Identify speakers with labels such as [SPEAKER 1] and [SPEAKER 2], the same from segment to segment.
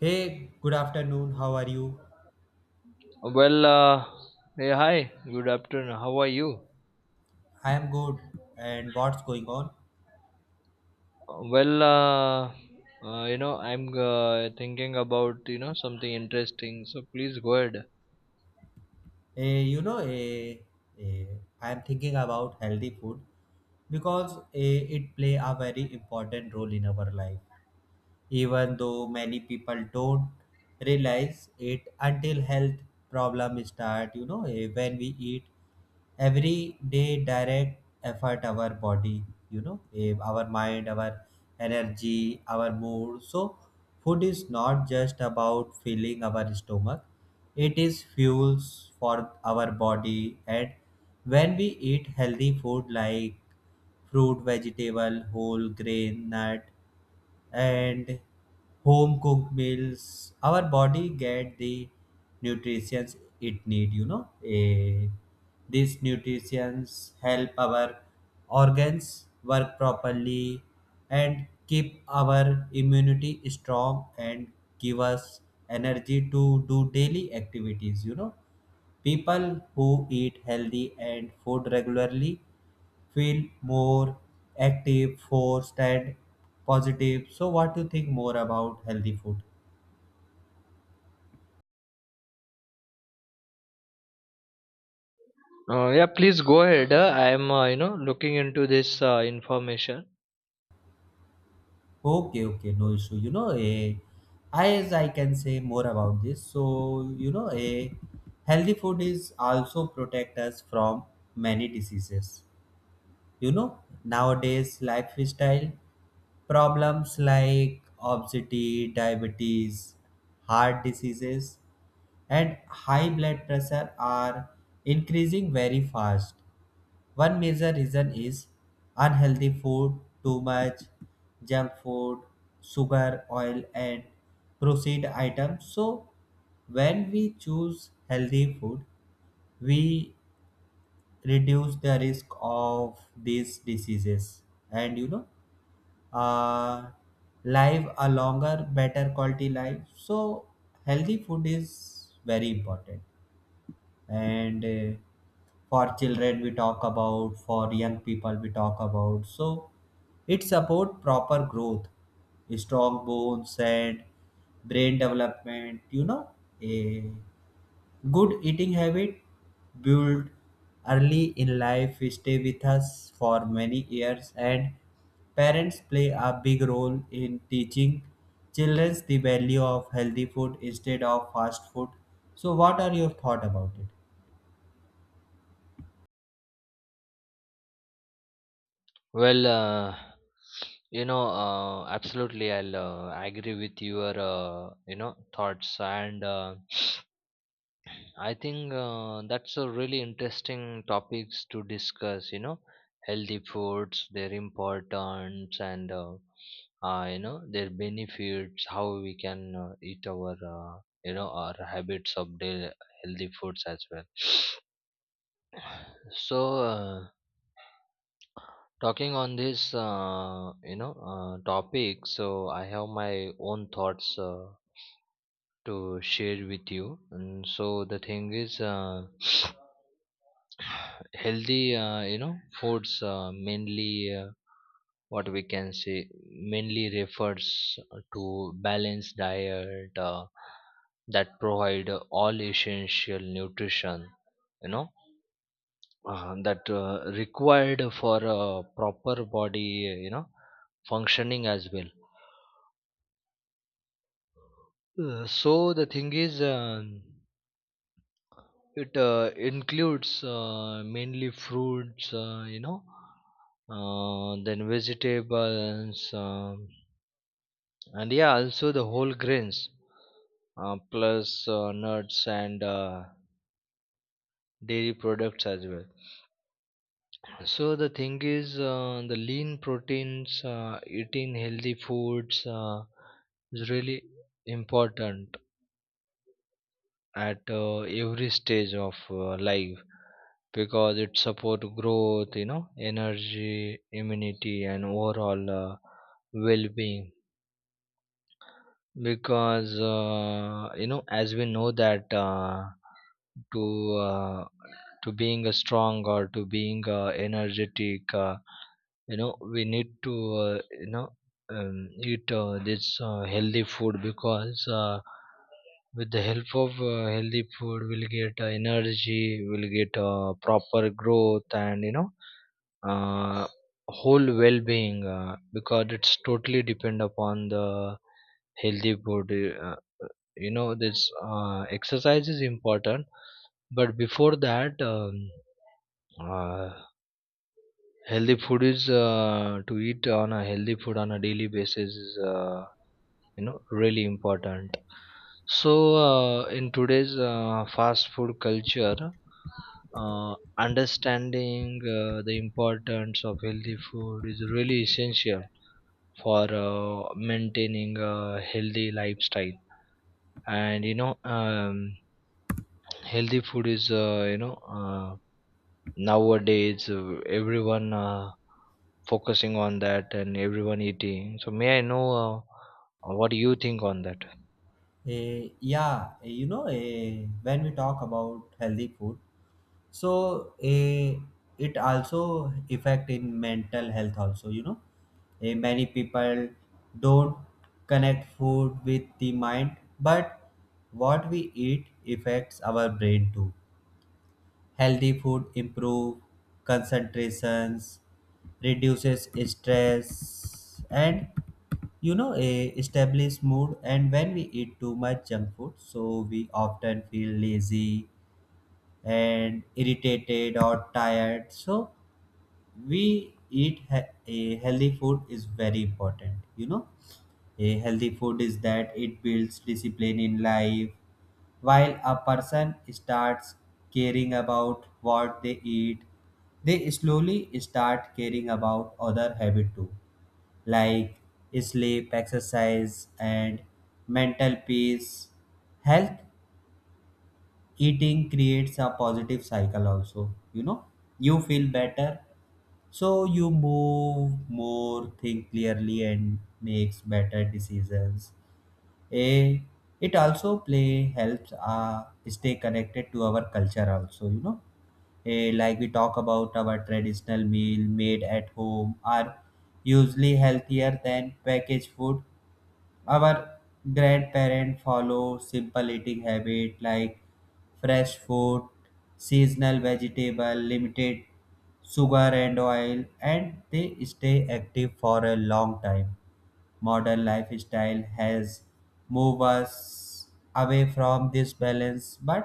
[SPEAKER 1] Hey, good afternoon. How are you?
[SPEAKER 2] Well, uh, hey, hi, good afternoon. How are you?
[SPEAKER 1] I am good. And what's going on?
[SPEAKER 2] Well, uh, I'm thinking about something interesting. So please go ahead.
[SPEAKER 1] Eh, you know, eh, eh, I am thinking about healthy food because it play a very important role in our life, even though many people don't realize it until health problems start, when we eat every day direct effort our body, our mind, our energy, our mood. So food is not just about filling our stomach, it is fuels for our body, and when we eat healthy food like fruit, vegetable, whole grain, nut, and home cooked meals, our body get the nutrition it need, these nutrients help our organs work properly and keep our immunity strong and give us energy to do daily activities. You know, people who eat healthy and food regularly feel more active, forced, and positive. So, what do you think more about healthy food?
[SPEAKER 2] Yeah, please go ahead. I'm looking into this information.
[SPEAKER 1] Okay, okay, no issue. As I can say more about this. So, you know, a healthy food is also protect us from many diseases. You know, nowadays lifestyle problems like obesity, diabetes, heart diseases and high blood pressure are increasing very fast. One major reason is unhealthy food, too much junk food, sugar, oil, and processed items. So, when we choose healthy food, we reduce the risk of these diseases and, uh, live a longer, better quality life. So, healthy food is very important, and for children we talk about, for young people we talk about, so it support proper growth, strong bones, and brain development. You know, a good eating habit built early in life stay with us for many years, and parents play a big role in teaching children the value of healthy food instead of fast food. So what are your thought about it?
[SPEAKER 2] Well, uh, absolutely, I'll agree with your thoughts and. I think that's a really interesting topics to discuss. You know, healthy foods, their importance, and their benefits. How we can eat our our habits of the healthy foods as well. So talking on this topic, so I have my own thoughts to share with you. And so the thing is, healthy, foods mainly what we can say mainly refers to balanced diet that provide all essential nutrition. You know, that required for a proper body, you know, functioning as well. So the thing is. It includes mainly fruits, then vegetables, and yeah, also the whole grains, plus nuts and dairy products as well. So the thing is, the lean proteins, eating healthy foods is really important at every stage of life, because it support growth, you know, energy, immunity, and overall well-being, because as we know that to uh, to being a strong or to being energetic, we need to uh, you know eat this healthy food, because with the help of healthy food, we'll get energy, we'll get proper growth, and uh, whole well-being, because it's totally depend upon the healthy food. uh, this exercise is important, but before that uh, healthy food is, to eat on a healthy food on a daily basis is really important. So in today's fast food culture, understanding the importance of healthy food is really essential for maintaining a healthy lifestyle. And healthy food is nowadays everyone focusing on that and everyone eating. So may I know what do you think on that?
[SPEAKER 1] When we talk about healthy food, so it also affect in mental health also, you know. Many people don't connect food with the mind, but what we eat affects our brain too. Healthy food improve concentrations, reduces stress, and you know a established mood. And when we eat too much junk food, so we often feel lazy and irritated or tired, so we eat a healthy food is very important. You know, a healthy food is that it builds discipline in life. While a person starts caring about what they eat, they slowly start caring about other habits too, like sleep, exercise, and mental peace. Health eating creates a positive cycle also. You know, you feel better, so you move more, think clearly, and makes better decisions. A it also play helps stay connected to our culture also. Like we talk about, our traditional meal made at home are usually healthier than packaged food. Our grandparents follow simple eating habit like fresh food, seasonal vegetable, limited sugar and oil, and they stay active for a long time. Modern lifestyle has moved us away from this balance, but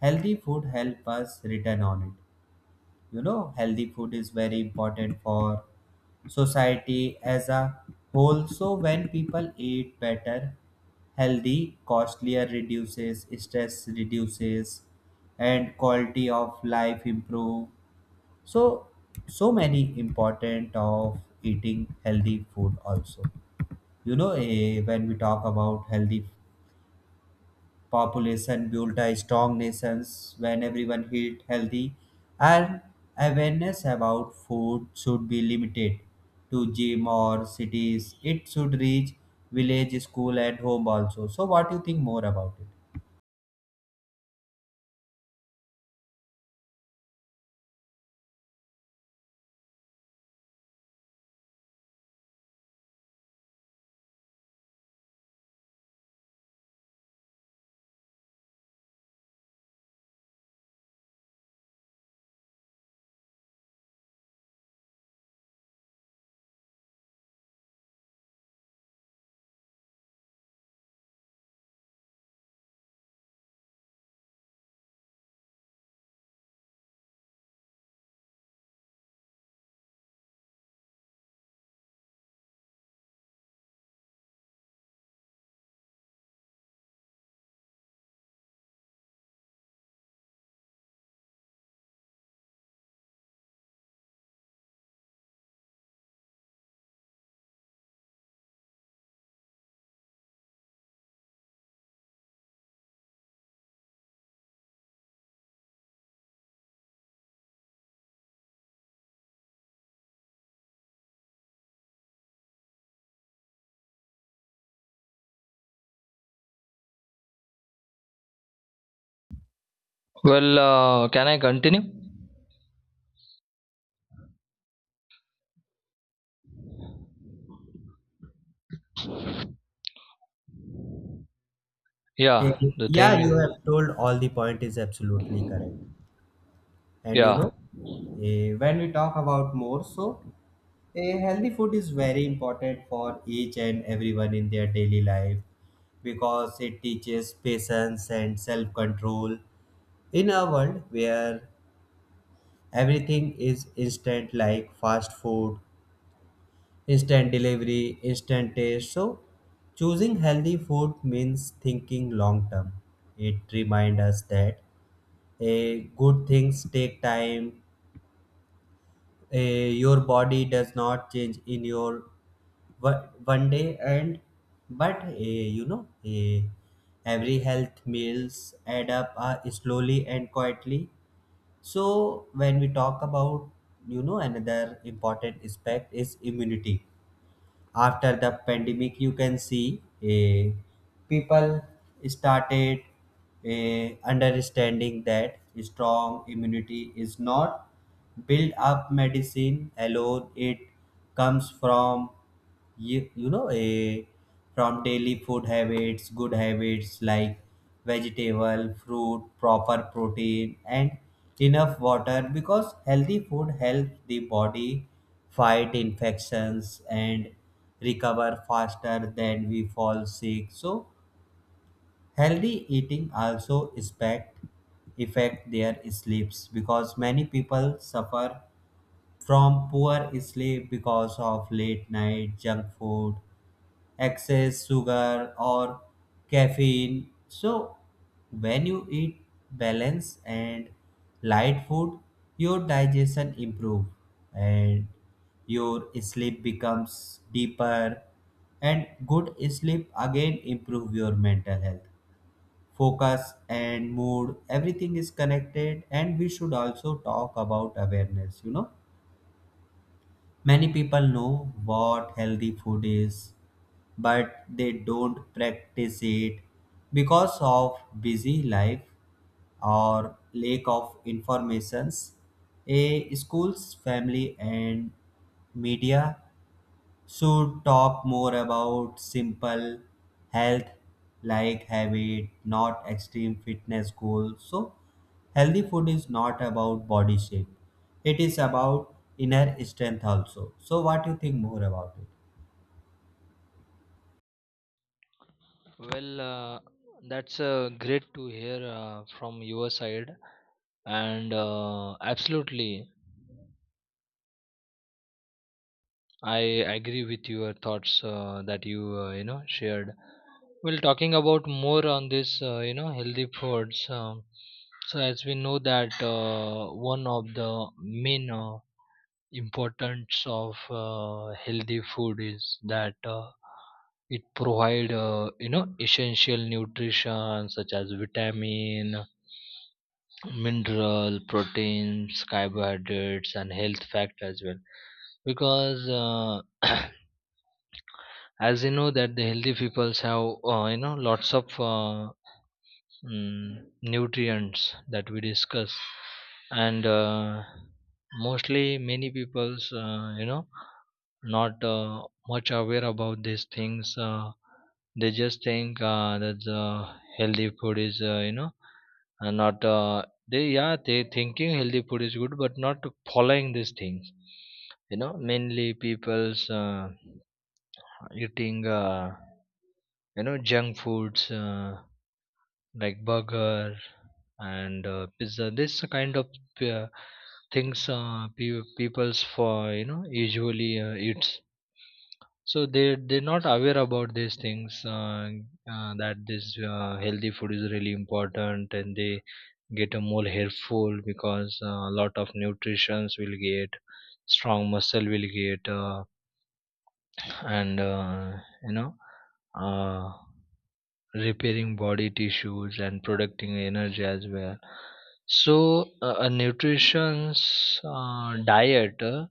[SPEAKER 1] healthy food help us return on it. You know, healthy food is very important for society as a whole. So when people eat better, healthy, costlier reduces, stress reduces, and quality of life improve. So so many important of eating healthy food also. When we talk about healthy population, build a strong nations when everyone eat healthy, and awareness about food should be limited to gym or cities. It should reach village, school, and home also. So, what do you think more about it?
[SPEAKER 2] Can I continue? Yeah, the
[SPEAKER 1] Yeah, you
[SPEAKER 2] thing.
[SPEAKER 1] have told all the point is absolutely correct. And you know,
[SPEAKER 2] Yeah.
[SPEAKER 1] eh, when we talk about more, so a healthy food is very important for each and everyone in their daily life because it teaches patience and self control. In a world where everything is instant, like fast food, instant delivery, instant taste, so choosing healthy food means thinking long term. It reminds us that a good things take time. Your body does not change in your one day, and but every health meals add up slowly and quietly. So when we talk about, you know, another important aspect is immunity. After the pandemic, you can see, people started understanding that strong immunity is not built up medicine alone, it comes from you know, a from daily food habits, good habits like vegetable, fruit, proper protein, and enough water, because healthy food helps the body fight infections and recover faster than we fall sick. So healthy eating also expect affect their sleeps, because many people suffer from poor sleep because of late night junk food, excess sugar, or caffeine. So, when you eat balanced and light food, your digestion improve and your sleep becomes deeper, and good sleep again improve your mental health, focus, and mood. Everything is connected, and we should also talk about awareness. You know, many people know what healthy food is, but they don't practice it because of busy life or lack of informations. A school's, family, and media should talk more about simple health like habit, not extreme fitness goals. So healthy food is not about body shape, it is about inner strength also. So what do you think more about it?
[SPEAKER 2] Well, uh, that's great to hear from your side, and absolutely, I agree with your thoughts that you you know shared. Well, talking about more on this, healthy foods. So as we know that one of the main importance of healthy food is that it provide essential nutrition such as vitamin, mineral, proteins, carbohydrates, and health fact as well, because as you know that the healthy peoples have lots of nutrients that we discuss. And mostly many peoples not much aware about these things. They just think that healthy food is not. They, yeah, they thinking healthy food is good, but not following these things. You know, mainly people's eating, junk foods like burger and pizza. This kind of uh, things people's for, you know, usually eats. So they're not aware about these things that this healthy food is really important, and they get a more helpful, because a lot of nutritions will get, strong muscle will get and you know uh, repairing body tissues and producing energy as well. So a nutrition's diet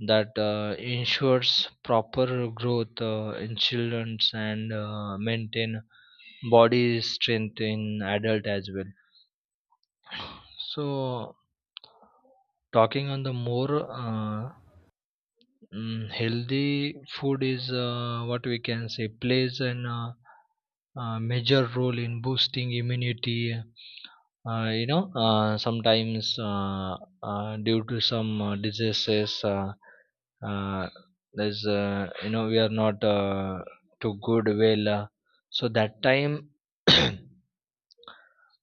[SPEAKER 2] that ensures proper growth in children and maintain body strength in adult as well. So talking on the more, healthy food is what we can say plays an major role in boosting immunity. Sometimes due to some diseases, uh, there's you know we are not too good well, so that time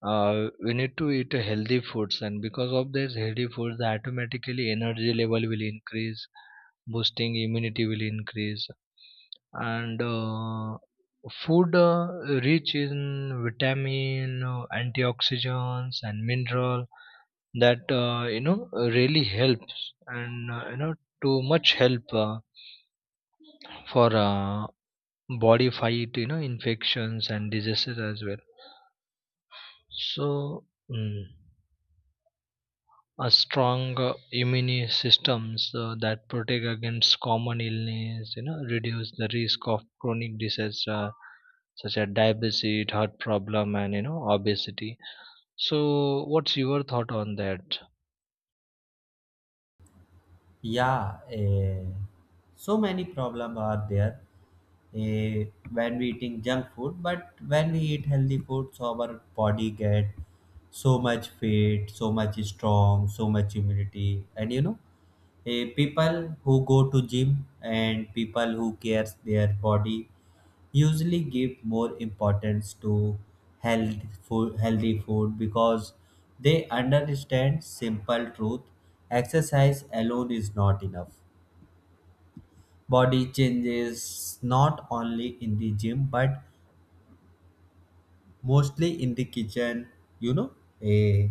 [SPEAKER 2] we need to eat healthy foods, and because of this healthy foods the automatically energy level will increase, boosting immunity will increase. And food rich in vitamin, antioxidants, and mineral, that really helps, and too much help for body fight, you know, infections and diseases as well. So a strong immune systems that protect against common illness, you know, reduce the risk of chronic diseases such as diabetes, heart problem, and you know obesity. So what's your thought on that?
[SPEAKER 1] Yeah, so many problems are there eh, when we eating junk food, but when we eat healthy food, so our body get so much fit, so much strong, so much immunity. And you know, people who go to gym and people who cares their body usually give more importance to health food, healthy food, because they understand simple truth. Exercise alone is not enough. Body changes not only in the gym, but mostly in the kitchen. you know eh,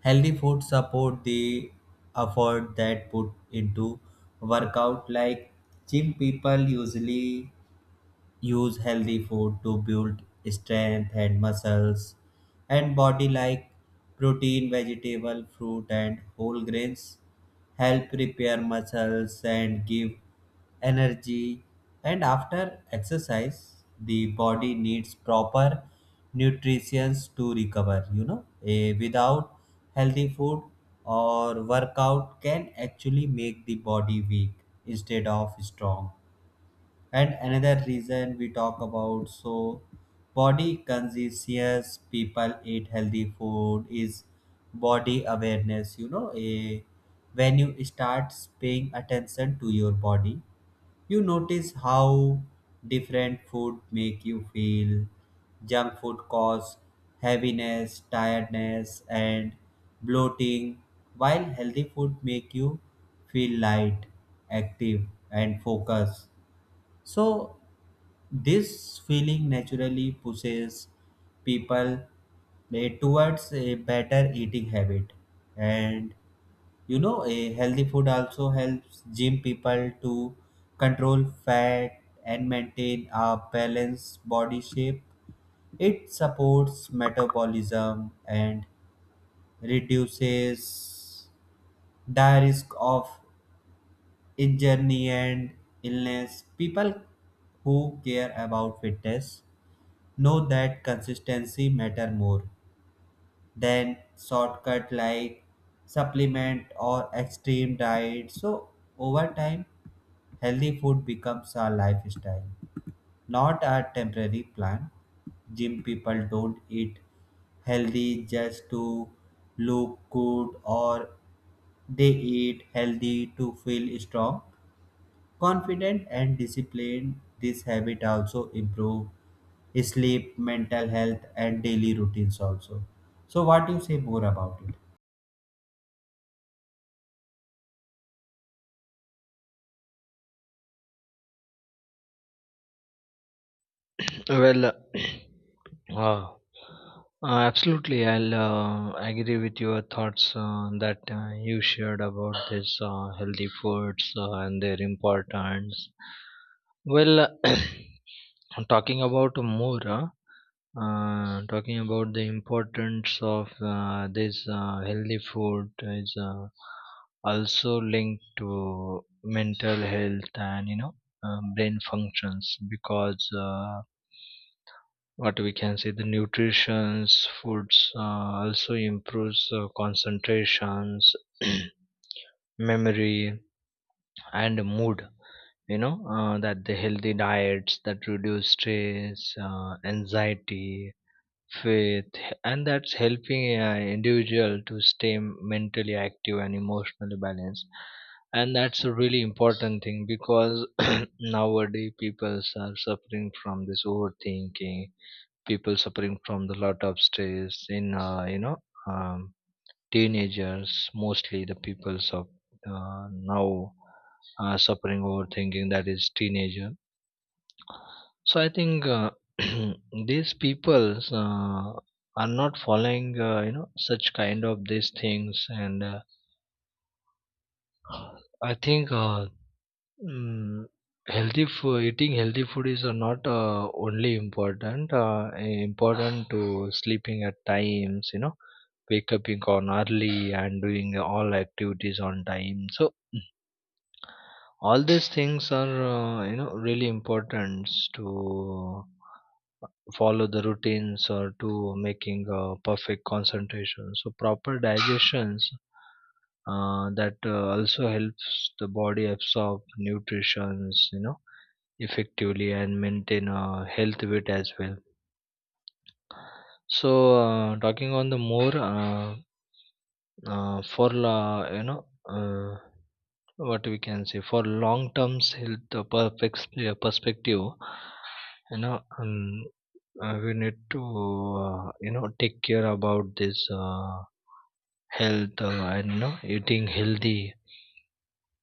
[SPEAKER 1] Healthy food support the effort that put into workout. Like gym people usually use healthy food to build strength and muscles and body, like protein, vegetable, fruit, and whole grains help repair muscles and give energy. And after exercise, the body needs proper nutrition to recover. Without healthy food or workout can actually make the body weak instead of strong. And another reason we talk about, so body conscious people eat healthy food is body awareness. You know, a when you start paying attention to your body, you notice how different food make you feel. Junk food cause heaviness, tiredness, and bloating, while healthy food make you feel light, active, and focused. So this feeling naturally pushes people towards a better eating habit. And you know, a healthy food also helps gym people to control fat and maintain a balanced body shape. It supports metabolism and reduces the risk of injury and illness. People who care about fitness know that consistency matter more than shortcut like supplement or extreme diet. So over time, healthy food becomes a lifestyle, not a temporary plan. Gym people don't eat healthy just to look good, or they eat healthy to feel strong, confident, and disciplined. This habit also improve sleep, mental health, and daily routines also. So, what you say more about it?
[SPEAKER 2] Well, Uh, absolutely, I'll agree with your thoughts that you shared about this healthy foods and their importance. Well, talking about more, talking about the importance of this healthy food is also linked to mental health and brain functions because. What we can say the nutritions foods also improves concentrations, memory, and mood. You know that the healthy diets that reduce stress, anxiety, faith, and that's helping individual to stay mentally active and emotionally balanced. And that's a really important thing, because nowadays people are suffering from this overthinking, people suffering from the lot of stress in um, teenagers, mostly the peoples of now suffering overthinking, that is teenager. So I think these peoples are not following such kind of these things. And I think mm, healthy food, eating healthy food is not only important important to sleeping at times, you know, wake up in on early and doing all activities on time. So all these things are really important to follow the routines or to making a perfect concentration. So proper digestions that also helps the body absorb nutritions, you know, effectively, and maintain a health weight as well. So talking on the more, for la you know uh, what we can say for long term health perfect perspective, you know um, we need to take care about this health, and you know eating healthy,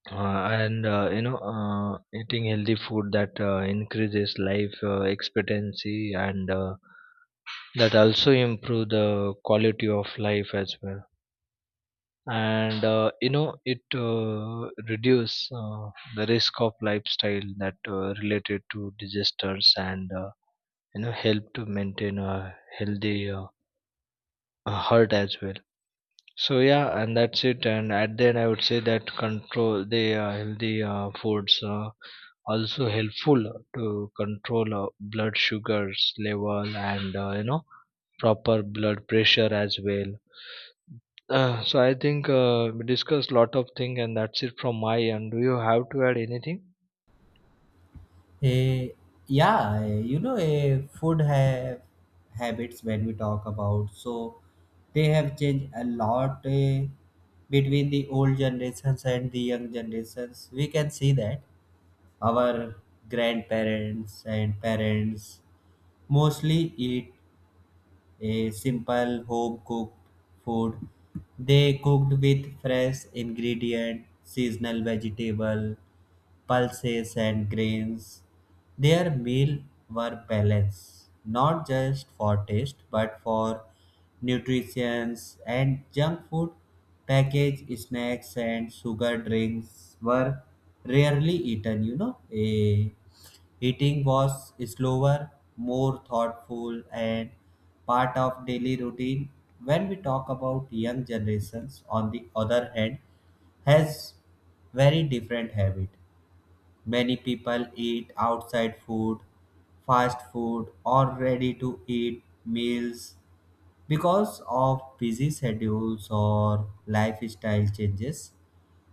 [SPEAKER 2] and you know eating healthy food that increases life expectancy, and that also improve the quality of life as well. And it reduce the risk of lifestyle that related to disasters, and help to maintain a healthy heart as well. So yeah, and that's it, and at the end I would say that control the healthy foods also helpful to control blood sugars level and proper blood pressure as well. So I think we discussed lot of things, and that's it from my end. Do you have to add anything?
[SPEAKER 1] Eh, Food have habits when we talk about. So they have changed a lot between the old generations and the young generations. We can see that our grandparents and parents mostly eat a simple home cooked food. They cooked with fresh ingredient, seasonal vegetable, pulses, and grains. Their meal were balanced, not just for taste but for nutrition. And junk food, packaged snacks, and sugar drinks were rarely eaten. Eating was slower, more thoughtful, and part of daily routine. When we talk about young generations, on the other hand, has very different habit. Many people eat outside food, fast food, or ready to eat meals because of busy schedules or lifestyle changes.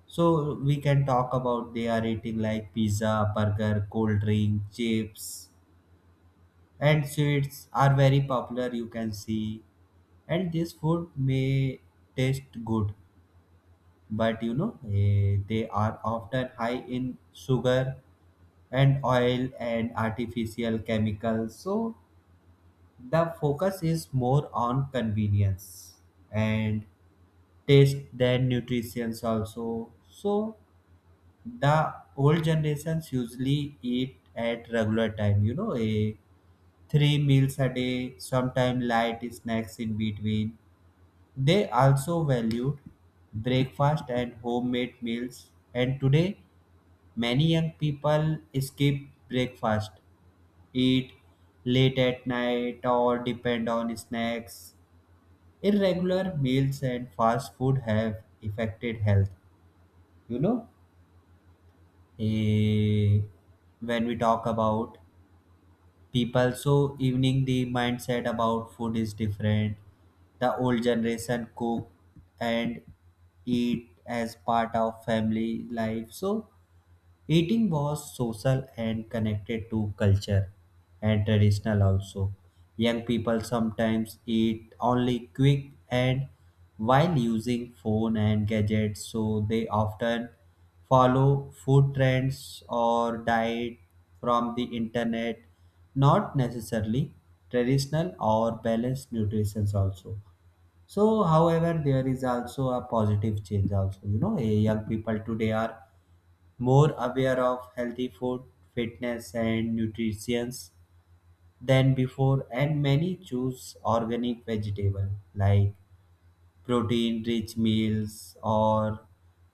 [SPEAKER 1] So, we can talk about, they are eating like pizza, burger, cold drink, chips, and sweets are very popular, you can see. And this food may taste good, but you know, they are often high in sugar and oil and artificial chemicals. So the focus is more on convenience and taste than nutrition also. So the old generations usually eat at regular time, you know, a three meals a day, sometimes light snacks in between. They also valued breakfast and homemade meals, and today many young people skip breakfast, eat late at night, or depend on snacks. Irregular meals and fast food have affected health. You know, Eh, when we talk about people, so evening the mindset about food is different. The old generation cook and eat as part of family life. So eating was social and connected to culture and traditional also. Young people sometimes eat only quick and while using phone and gadgets, so they often follow food trends or diet from the internet, not necessarily traditional or balanced nutrition also. So however, there is also a positive change also. You know, young people today are more aware of healthy food, fitness, and nutrition than before, and many choose organic vegetable, like protein rich meals, or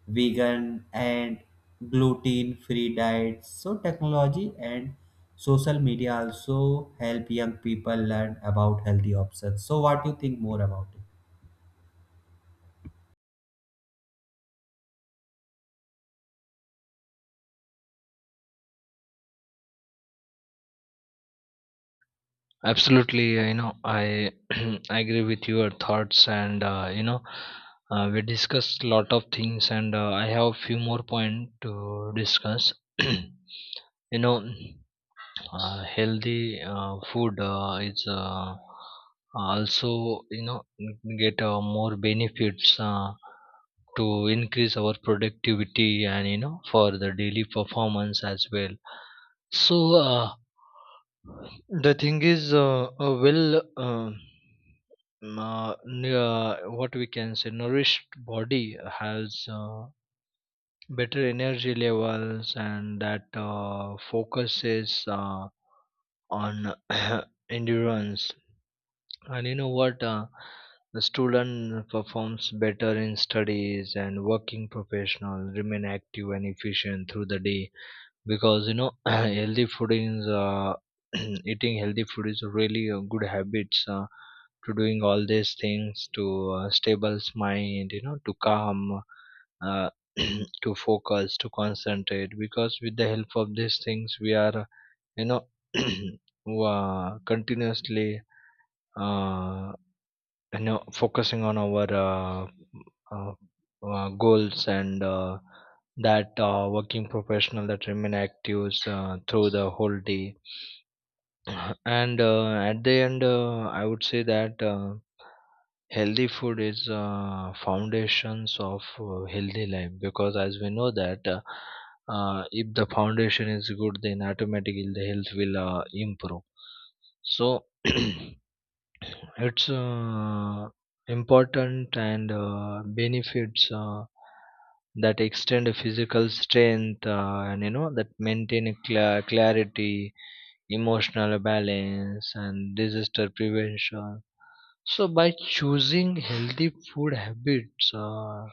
[SPEAKER 1] vegan and gluten free diets. So, technology and social media also help young people learn about healthy options. So, what do you think more about it?
[SPEAKER 2] Absolutely, I I agree with your thoughts, and we discussed lot of things, and I have few more points to discuss. You know, healthy food is also, you know, get more benefits to increase our productivity, and you know for the daily performance as well. So the thing is, what we can say nourished body has better energy levels, and that focuses on endurance. And you know what, the student performs better in studies, and working professionals remain active and efficient through the day, because you know healthy food is eating healthy food is really a good habits, to doing all these things to stable mind, you know, to calm, uh, to focus, to concentrate, because with the help of these things, we are, you know, continuously uh, focusing on our uh, goals, and that working professional that remain active through the whole day. And at the end, I would say that healthy food is foundations of healthy life, because as we know that if the foundation is good, then automatically the health will improve. So it's uh, important, and benefits that extend physical strength, and you know that maintain clarity, emotional balance, and disaster prevention. So by choosing healthy food habits, uh,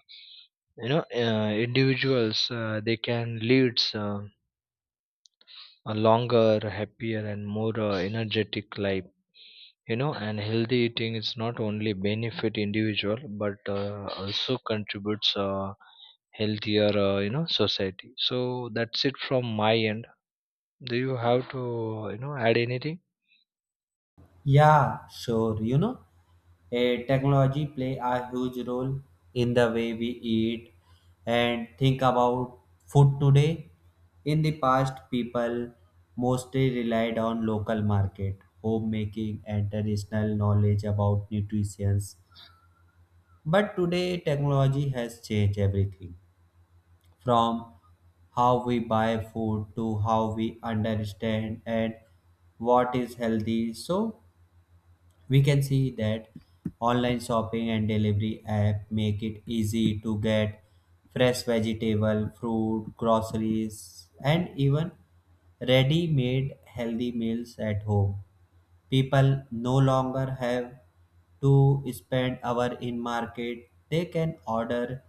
[SPEAKER 2] you know uh, individuals, they can lead a longer, happier, and more energetic life, you know. And healthy eating is not only benefit individual, but also contributes healthier, society. So that's it from my end. Do you have to, you know, add anything?
[SPEAKER 1] Yeah, sure. You know, a technology play a huge role in the way we eat and think about food today. In the past, people mostly relied on local market, homemaking, and traditional knowledge about nutrition. But today, technology has changed everything from how we buy food to how we understand and what is healthy. So, we can see that online shopping and delivery app make it easy to get fresh vegetable, fruit, groceries, and even ready-made healthy meals at home. People no longer have to spend hour in market. They can order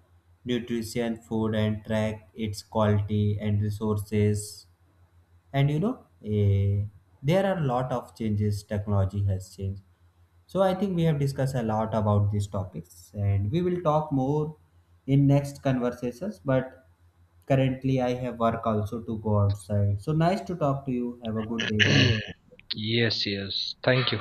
[SPEAKER 1] nutrition food and track its quality and resources. And you know, there are a lot of changes technology has changed. So I think we have discussed a lot about these topics, and we will talk more in next conversations, but currently I have work also to go outside. So nice to talk to you. Have a good day. Bye.
[SPEAKER 2] Yes, yes. Thank you.